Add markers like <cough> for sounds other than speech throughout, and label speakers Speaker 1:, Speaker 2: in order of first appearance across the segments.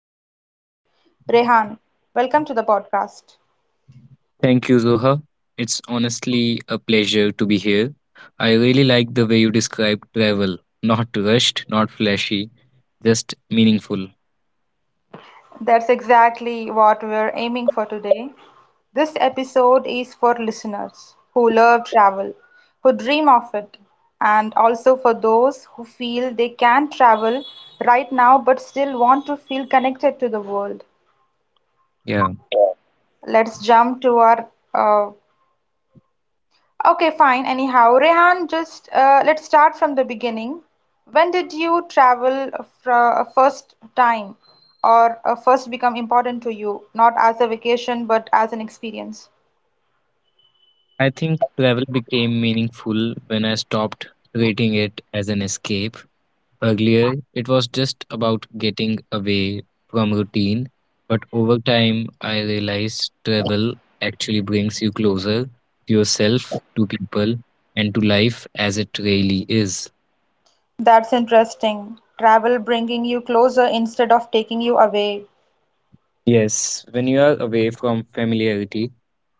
Speaker 1: Perspective. Rehan, welcome to the podcast.
Speaker 2: Thank you, Zoha. It's honestly a pleasure to be here. I really like the way you describe travel. Not rushed, not flashy, just meaningful.
Speaker 1: That's exactly what we're aiming for today. This episode is for listeners who love travel, who dream of it, and also for those who feel they can travel right now but still want to feel connected to the world.
Speaker 2: Yeah.
Speaker 1: Let's jump to our uh, okay, fine. Anyhow, Rehan, just let's start from the beginning. When did you travel for a first time or first become important to you, not as a vacation but as an experience?
Speaker 2: I think travel became meaningful when I stopped treating it as an escape. Earlier, it was just about getting away from routine, but over time, I realized travel actually brings you closer to yourself, to people, and to life as it really is.
Speaker 1: That's interesting. Travel bringing you closer instead of taking you away.
Speaker 2: Yes, when you are away from familiarity,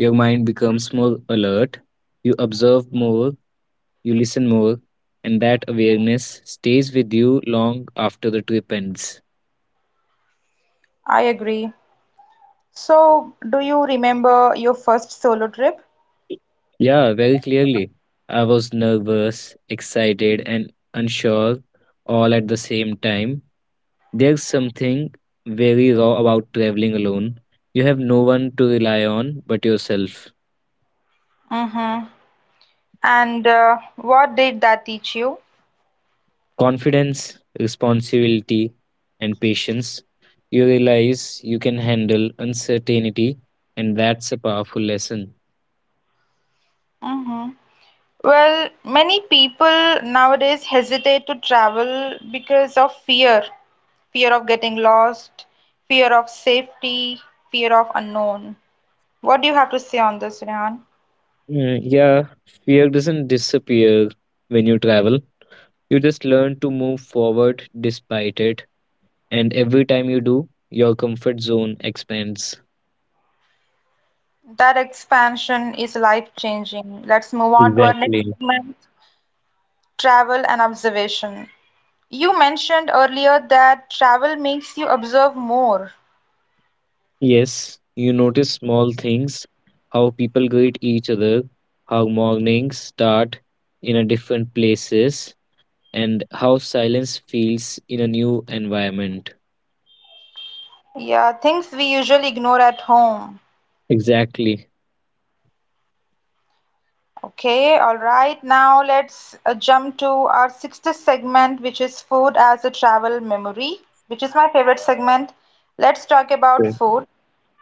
Speaker 2: your mind becomes more alert, you observe more, you listen more, and that awareness stays with you long after the trip ends.
Speaker 1: I agree. So, do you remember your first solo trip?
Speaker 2: Yeah, very clearly. I was nervous, excited, and unsure all at the same time. There's something very raw about traveling alone. You have no one to rely on but yourself.
Speaker 1: Mm-hmm. And what did that teach you?
Speaker 2: Confidence, responsibility, and patience, you realize you can handle uncertainty, and that's a powerful lesson.
Speaker 1: Mm-hmm. Well, many people nowadays hesitate to travel because of fear fear of getting lost, fear of safety, fear of unknown. What do you have to say on this, Rehan?
Speaker 2: Yeah, fear doesn't disappear when you travel. You just learn to move forward despite it, and every time you do, your comfort zone expands.
Speaker 1: That expansion is life changing. Let's move on to our next
Speaker 2: Exactly.
Speaker 1: segment travel and observation. You mentioned earlier that travel makes you observe more.
Speaker 2: Yes, you notice small things, how people greet each other, how mornings start in a different places and how silence feels in a new environment.
Speaker 1: Yeah, things we usually ignore at home.
Speaker 2: Exactly.
Speaker 1: Okay, all right. Now let's jump to our sixth segment, which is food as a travel memory, which is my favorite segment. Let's talk about
Speaker 2: Okay.
Speaker 1: food.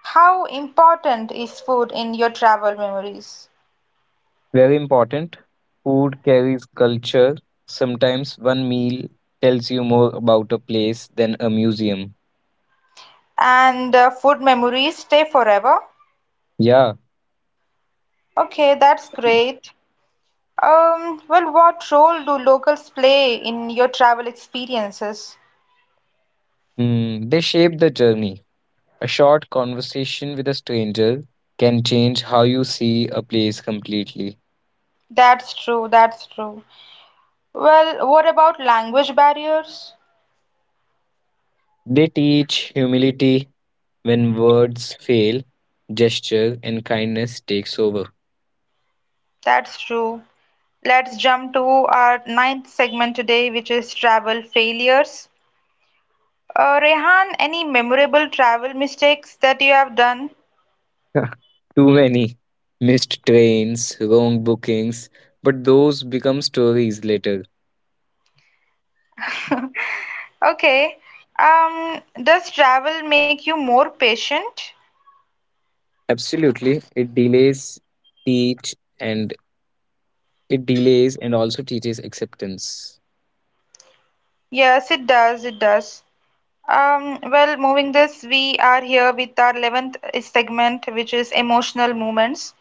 Speaker 1: How important is food in your travel memories?
Speaker 2: Very important. Food carries culture. Sometimes one meal tells you more about a place than a museum.
Speaker 1: And food memories stay forever.
Speaker 2: Yeah,
Speaker 1: Okay, that's great. What role do locals play in your travel experiences?
Speaker 2: they shape the journey. A short conversation with a stranger can change how you see a place completely.
Speaker 1: That's true, that's true. Well, what about language barriers?
Speaker 2: They teach humility when words fail, gesture and kindness takes over.
Speaker 1: That's true. Let's jump to our ninth segment today, which is travel failures. Rehan, any memorable travel mistakes that you have done? <laughs>
Speaker 2: <laughs> Too many missed trains, wrong bookings, but those become stories later.
Speaker 1: Okay. Does travel make you more patient?
Speaker 2: Absolutely, teach and it delays and also teaches acceptance.
Speaker 1: Yes, it does. It does. Well, moving this, we are here with our 11th segment, which is emotional moments.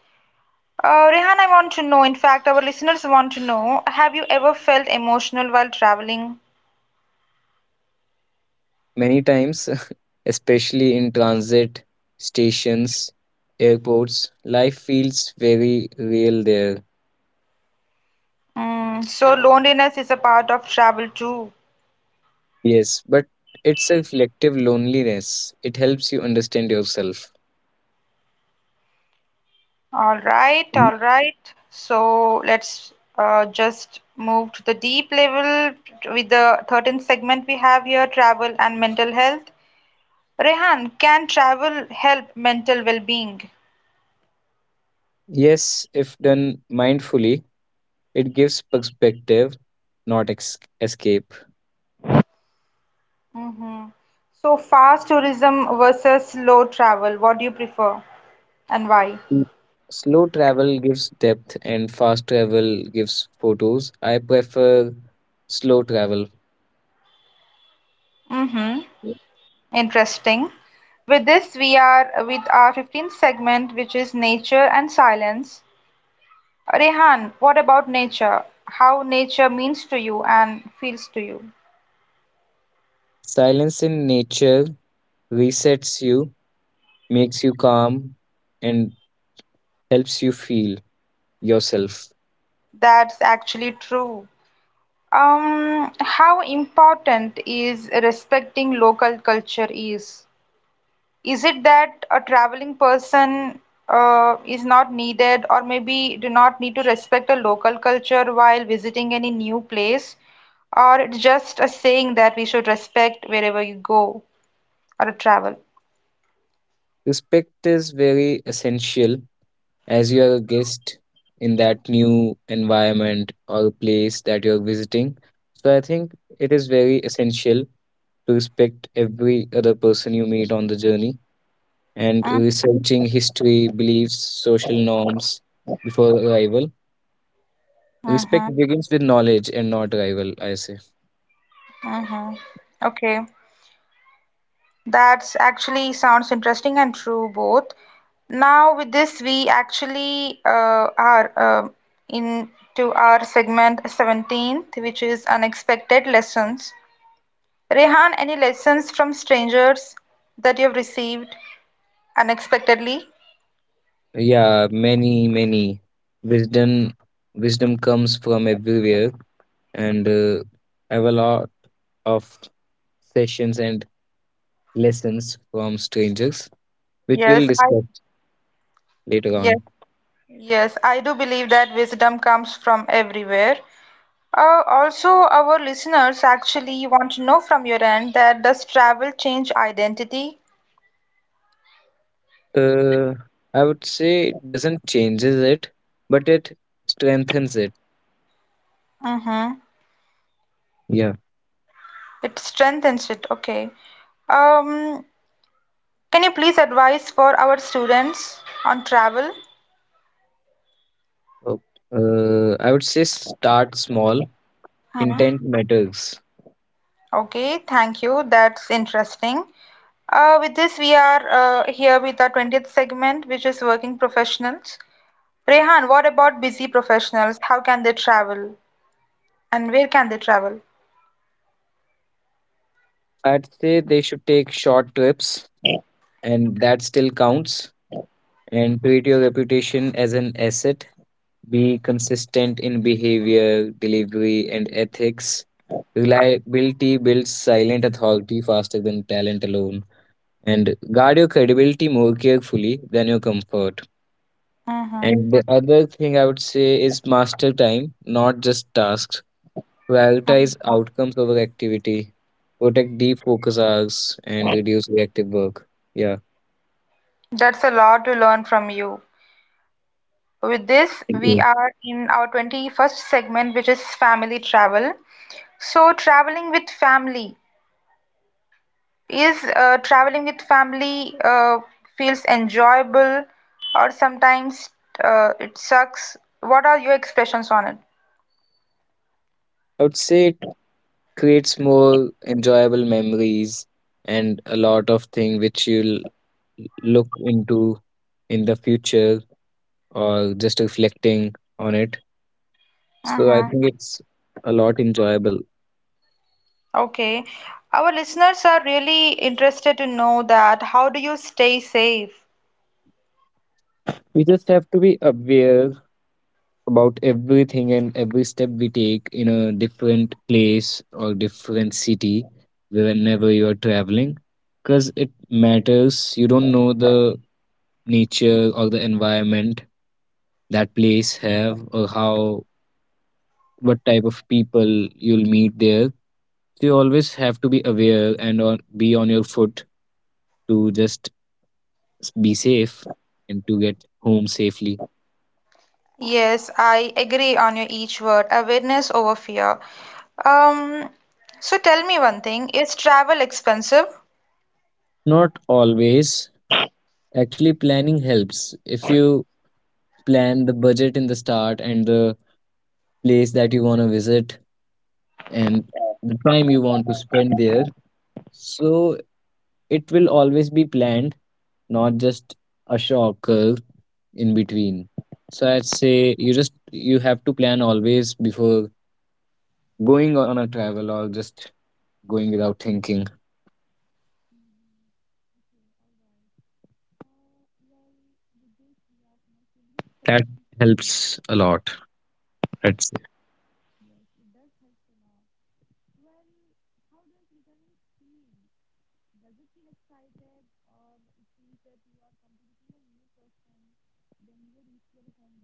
Speaker 1: Rehan, I want to know, in fact, our listeners want to know, have you ever felt emotional while traveling?
Speaker 2: Many times, <laughs> especially in transit stations, airports, life feels very real there.
Speaker 1: Mm, so loneliness is a part of travel too.
Speaker 2: Yes, but it's a reflective loneliness. It helps you understand yourself.
Speaker 1: All right, all right. So let's just move to the deep level with the 13th segment we have here, travel and mental health. Rehan, can travel help mental well-being?
Speaker 2: Yes, if done mindfully, it gives perspective, not escape.
Speaker 1: Hmm. So fast tourism versus slow travel, what do you prefer and why?
Speaker 2: Mm. Slow travel gives depth, and fast travel gives photos. I prefer slow travel.
Speaker 1: Mm-hmm. Interesting. With this, we are with our 15th segment, which is nature and silence. Rehan, what about nature? How nature means to you and feels to you?
Speaker 2: Silence in nature resets you, makes you calm, and helps you feel yourself.
Speaker 1: That's actually true. How important is respecting local culture is? Is it that a traveling person is not needed, or maybe do not need to respect a local culture while visiting any new place, or it's just a saying that we should respect wherever you go or travel?
Speaker 2: Respect is very essential as you are a guest in that new environment or place that you're visiting. So I think it is very essential respect every other person you meet on the journey, and
Speaker 1: Mm-hmm,
Speaker 2: researching history, beliefs, social norms before arrival. Respect
Speaker 1: mm-hmm.
Speaker 2: begins with knowledge and not arrival, I say.
Speaker 1: Mm-hmm. Okay. That's actually sounds interesting and true both. Now with this, we actually are into our segment 17th, which is unexpected lessons. Rehan, any lessons from strangers that you have received unexpectedly?
Speaker 2: Yeah, many, many. Wisdom wisdom comes from everywhere, and I have a lot of sessions and lessons from strangers, which we'll
Speaker 1: Yes, I
Speaker 2: discuss later
Speaker 1: yes
Speaker 2: on.
Speaker 1: yes I do believe that wisdom comes from everywhere. Also, our listeners actually want to know from your end that does travel change identity?
Speaker 2: Uh, I would say it doesn't changes it, but it strengthens it.
Speaker 1: Mm-hmm.
Speaker 2: Yeah.
Speaker 1: It strengthens it. Okay. Um, can you please advise for our students on travel?
Speaker 2: Oh, I would say start small.
Speaker 1: Hmm.
Speaker 2: Intent matters.
Speaker 1: Okay, thank you. That's interesting. With this, we are here with our 20th segment, which is working professionals. Rehan, what about busy professionals? How can they travel and where can they travel?
Speaker 2: I'd say they should take short trips, and that still counts. And treat your reputation as an asset. Be consistent in behavior, delivery, and ethics. Reliability builds silent authority faster than talent alone. And guard your credibility more carefully than your comfort.
Speaker 1: Mm-hmm.
Speaker 2: And the other thing I would say is master time, not just tasks. Prioritize
Speaker 1: Mm-hmm.
Speaker 2: outcomes over activity. Protect deep focus hours and reduce reactive work. Yeah.
Speaker 1: That's a lot to learn from you. With this,
Speaker 2: Thank
Speaker 1: we
Speaker 2: you.
Speaker 1: are in our 21st segment, which is family travel. So, traveling with family is traveling with family feels enjoyable, or sometimes it sucks. What are your expressions on it?
Speaker 2: I would say it creates more enjoyable memories and a lot of things which you'll look into in the future or just reflecting on it. So I
Speaker 1: Mm-hmm.
Speaker 2: think it's a lot enjoyable.
Speaker 1: Okay. Our listeners are really interested to know that how do you stay safe?
Speaker 2: We just have to be aware about everything and every step we take in a different place or different city whenever you are traveling because it matters, you don't know the nature or the environment that place have or how what type of people you'll meet there, so you always have to be aware and on, be on your foot to just be safe and to get home safely.
Speaker 1: Yes, I agree on your each word, awareness over fear. Um, so tell me one thing, is travel expensive?
Speaker 2: Not always, actually planning helps. If you plan the budget in the start and the place that you want to visit and the time you want to spend there. So it will always be planned, not just a shocker in between. So I'd say you have to plan always before going on a travel or just going without thinking. That helps a lot, I'd say.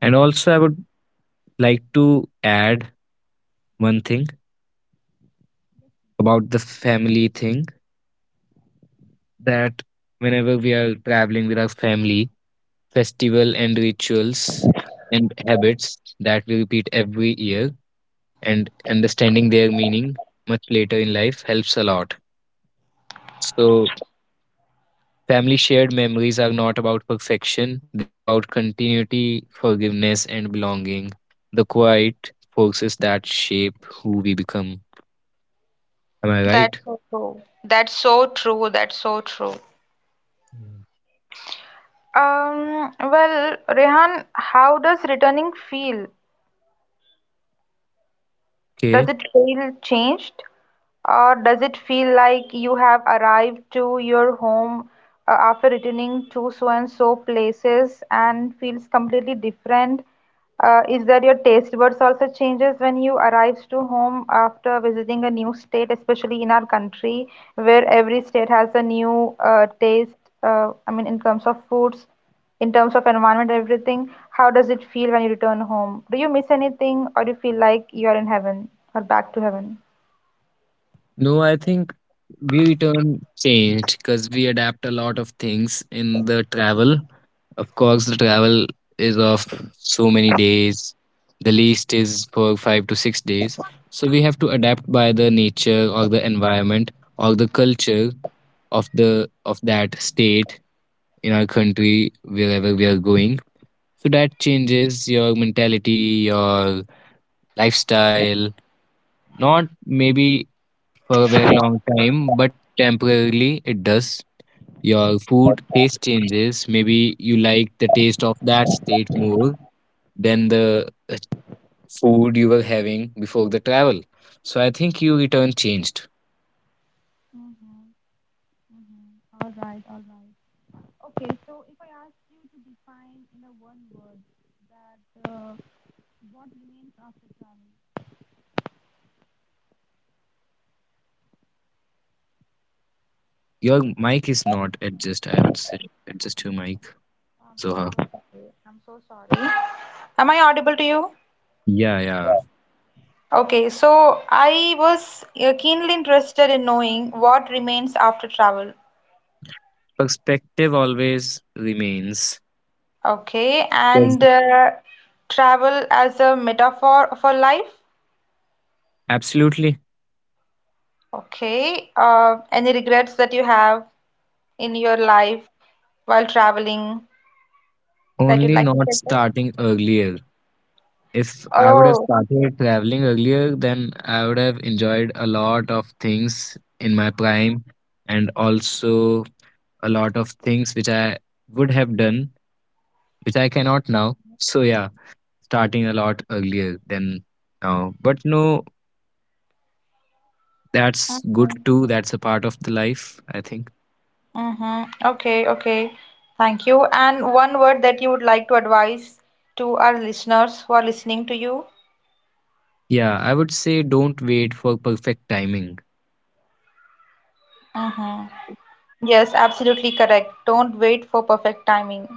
Speaker 2: And also I would like to add one thing about the family thing that whenever we are traveling with our family, festival and rituals and habits that we repeat every year and understanding their meaning much later in life helps a lot. So, family shared memories are not about perfection, they are about continuity, forgiveness, and belonging. The quiet forces that shape who we become. Am I right?
Speaker 1: That's so true. That's so true. That's so true.
Speaker 2: Yeah.
Speaker 1: Well, Rehan, how does returning feel?
Speaker 2: Okay.
Speaker 1: Does it feel changed? Or does it feel like you have arrived to your home after returning to so and so places and feels completely different? Is that your taste buds also changes when you arrives to home after visiting a new state, especially in our country, where every state has a new taste, I mean, in terms of foods, in terms of environment, everything. How does it feel when you return home? Do you miss anything, or do you feel like you are in heaven or back to heaven?
Speaker 2: No, I think we return changed because we adapt a lot of things in the travel. Of course, the travel is of so many days. The least is for 5 to 6 days. So we have to adapt by the nature or the environment or the culture of that state in our country wherever we are going. So that changes your mentality, your lifestyle. Not maybe for a very long time, but temporarily it does. Your food taste changes. Maybe you like the taste of that state more than the food you were having before the travel. So I think you return changed.
Speaker 1: Mhm. Mhm. All right, all right. Okay, so if I ask you to define in a one word that what remains after travel,
Speaker 2: Your mic is not adjust, I would say. Adjust your mic, Zoha.
Speaker 1: I'm so sorry. Am I audible to you?
Speaker 2: Yeah, yeah.
Speaker 1: Okay, so I was keenly interested in knowing what remains after travel.
Speaker 2: Perspective always remains.
Speaker 1: Okay,
Speaker 2: Yes.
Speaker 1: and travel as a metaphor for life.
Speaker 2: Absolutely.
Speaker 1: Okay, any regrets that you have in your life while traveling that you'd
Speaker 2: Only
Speaker 1: like to
Speaker 2: not
Speaker 1: share with us?
Speaker 2: starting earlier. If I would have
Speaker 1: Oh,
Speaker 2: started traveling earlier, then I would have enjoyed a lot of things in my prime and also a lot of things which I would have done, which I cannot now. So, yeah, starting a lot earlier than now. But no, that's good
Speaker 1: mm-hmm.
Speaker 2: too. That's a part of the life, I think.
Speaker 1: Mm-hmm. Okay, okay. Thank you. And one word that you would like to advise to our listeners who are listening to you?
Speaker 2: Yeah, I would say don't wait for perfect timing.
Speaker 1: Mm-hmm. Yes, absolutely correct. Don't wait for perfect timing.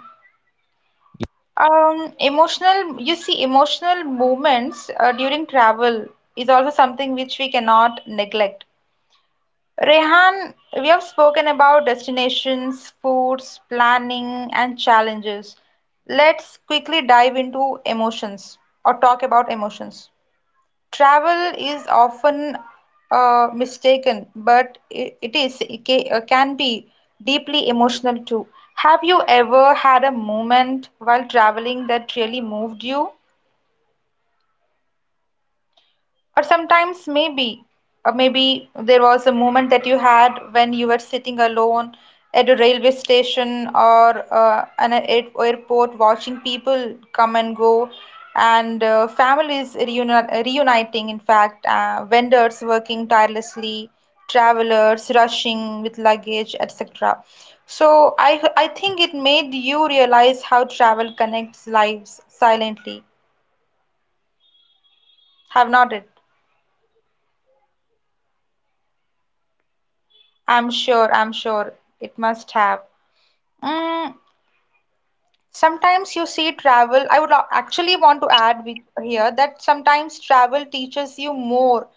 Speaker 2: Ye-
Speaker 1: Emotional, you see, emotional moments during travel is also something which we cannot neglect. Rehan, we have spoken about destinations, foods, planning, and challenges. Let's quickly dive into emotions or talk about emotions. Travel is often mistaken, but it is can be deeply emotional too. Have you ever had a moment while traveling that really moved you? Or sometimes maybe, or maybe there was a moment that you had when you were sitting alone at a railway station or airport watching people come and go and families reuniting, in fact, vendors working tirelessly, travelers rushing with luggage, etc. So I think it made you realize how travel connects lives silently, have not it? I'm sure it must have. Mm, sometimes you see travel. I would actually want to add here that sometimes travel teaches you more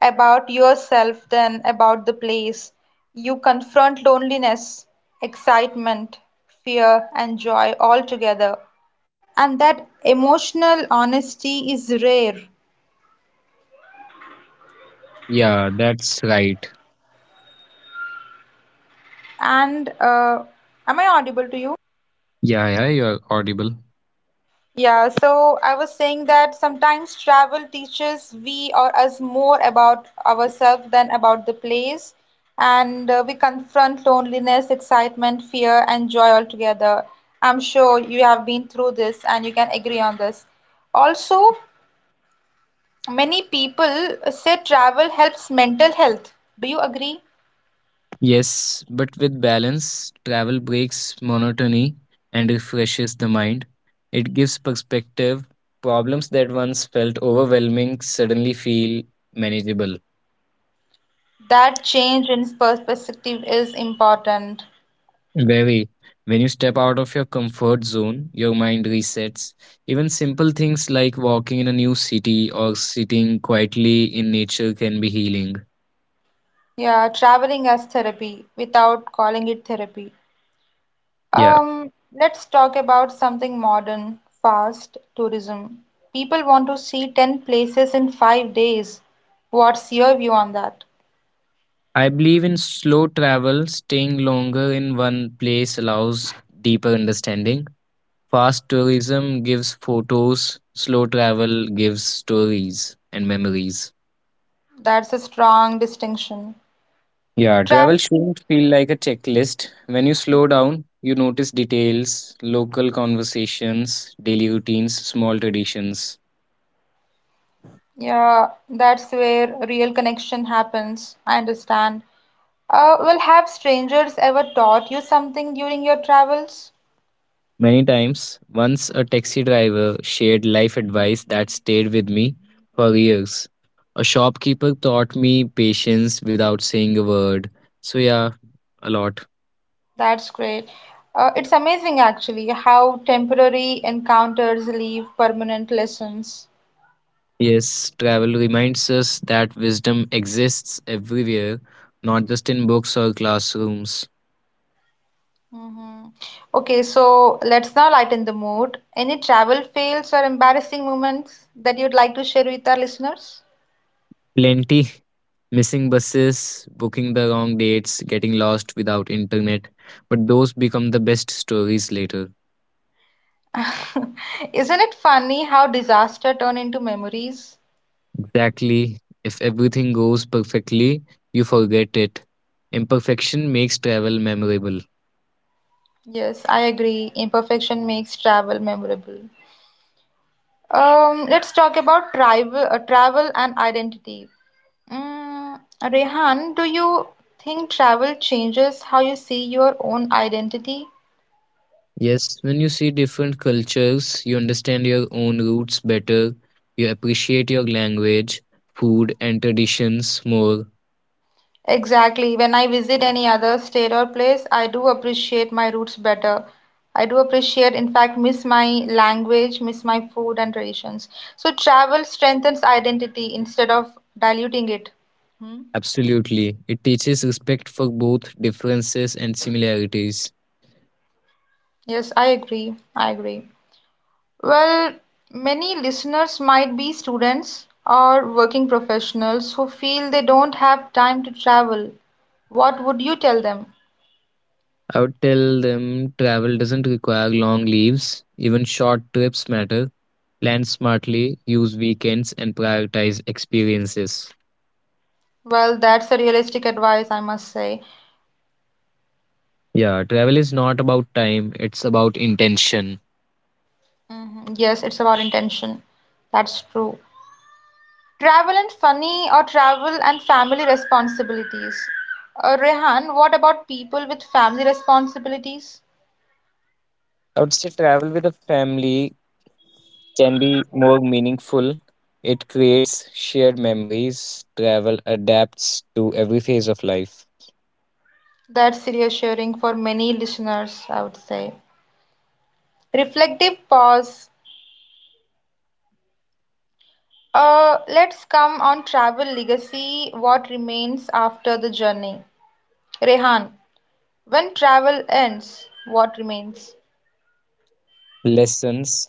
Speaker 1: about yourself than about the place. You confront loneliness, excitement, fear, and joy all.
Speaker 2: Yeah, that's right. Yeah, yeah, you're audible.
Speaker 1: So I was saying that sometimes travel teaches we or us more about ourselves than about the place, and we confront loneliness, excitement, fear, and joy all together. I'm sure you have been through this and you can agree on this. Also, many people say travel helps mental health. Do you agree?
Speaker 2: Yes, but with balance, travel breaks monotony and refreshes the mind. It gives perspective. Problems that once felt overwhelming suddenly feel manageable.
Speaker 1: That change in perspective is important.
Speaker 2: Very. When you step out of your comfort zone, your mind resets. Even simple things like walking in a new city or sitting quietly in nature can be healing.
Speaker 1: Yeah, traveling as therapy without calling it therapy.
Speaker 2: Yeah.
Speaker 1: Um, let's talk about something modern, fast tourism. People want to see 10 places in 5 days. What's your view on that?
Speaker 2: I believe in slow travel, staying longer in one place allows deeper understanding. Fast tourism gives photos, slow travel gives stories and memories.
Speaker 1: That's a strong distinction.
Speaker 2: Yeah, travel
Speaker 1: Travel shouldn't-
Speaker 2: shouldn't feel like a checklist. When you slow down, you notice details, local conversations, daily routines, small traditions.
Speaker 1: yeah, that's where real connection happens. I understand. Well, have strangers ever taught you something during your travels?
Speaker 2: Many times, once a taxi driver shared life advice that stayed with me for years. A shopkeeper taught me patience without saying a word. So, yeah, a lot.
Speaker 1: That's great. It's amazing actually how temporary encounters leave permanent lessons.
Speaker 2: Yes, travel reminds us that wisdom exists everywhere, not just in books or classrooms.
Speaker 1: Hmm. Okay, so let's now lighten the mood. Any travel fails or embarrassing moments that you'd like to share with our listeners?
Speaker 2: Plenty missing buses, booking the wrong dates, getting lost without internet, but those become the best stories later.
Speaker 1: <laughs> Isn't it funny how disaster turn into memories?
Speaker 2: Exactly. If everything goes perfectly, you forget it. Imperfection makes travel memorable.
Speaker 1: Yes, I agree. Imperfection makes travel memorable. Let's talk about travel, travel and identity. Mm, Rehan, do you think travel changes how you see your own identity?
Speaker 2: Yes, when you see different cultures, you understand your own roots better, you appreciate your language, food, and traditions more.
Speaker 1: Exactly. When I visit any other state or place, I do appreciate my roots better. I do appreciate, in fact, miss my language, miss my food and traditions. So travel strengthens identity instead of diluting it. Hmm?
Speaker 2: Absolutely. It teaches respect for both differences and similarities.
Speaker 1: Yes, I agree. I agree. Well, many listeners might be students or working professionals who feel they don't have time to travel. What would you tell them?
Speaker 2: I would tell them travel doesn't require long leaves, even short trips matter. Plan smartly, use weekends, and prioritize experiences.
Speaker 1: Well, that's a realistic advice, I must say.
Speaker 2: Yeah, travel is not about time, it's about intention.
Speaker 1: Mhm. Yes, it's about intention. That's true. Travel and funny, or travel and family responsibilities. Rehan, what about people with family responsibilities?
Speaker 2: I would say travel with a family can be more meaningful. It creates shared memories. Travel adapts to every phase of life.
Speaker 1: That's reassuring for many listeners, I would say. Reflective pause. Let's come on travel legacy, what remains after the journey. Rehan, when travel ends, what remains?
Speaker 2: Lessons,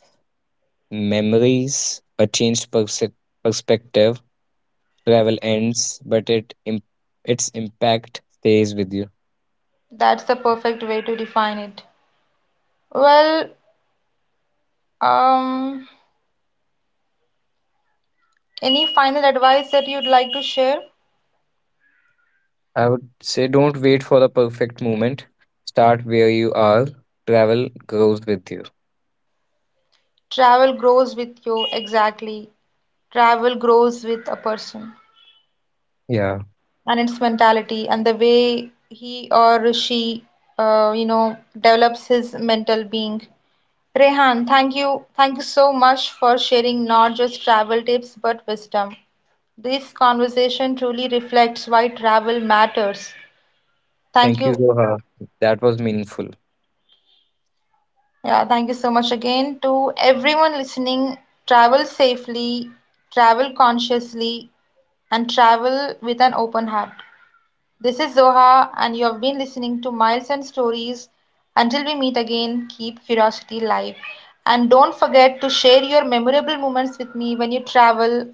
Speaker 2: memories, a changed perspective. Travel ends, but its impact stays with you.
Speaker 1: That's the perfect way to define it. Well, um, any final advice that you'd like to share?
Speaker 2: I would say don't wait for the perfect moment. Start where you are. Travel grows with you.
Speaker 1: Travel grows with you, exactly. Travel grows with a person
Speaker 2: Yeah.
Speaker 1: and its mentality and the way he or she, you know, develops his mental being. Rehan, thank you. Thank you so much for sharing not just travel tips but wisdom. This conversation truly reflects why travel matters. Thank
Speaker 2: Thank you,
Speaker 1: you.
Speaker 2: Zoha. That was meaningful.
Speaker 1: Yeah, thank you so much again to everyone listening. Travel safely, travel consciously, and travel with an open heart. This is Zoha, and you have been listening to Miles and Stories. Until we meet again, keep curiosity live. And don't forget to share your memorable moments with me when you travel,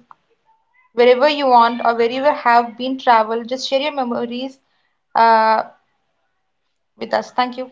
Speaker 1: wherever you want or wherever have been travel. Just share your memories uh, with us. Thank you.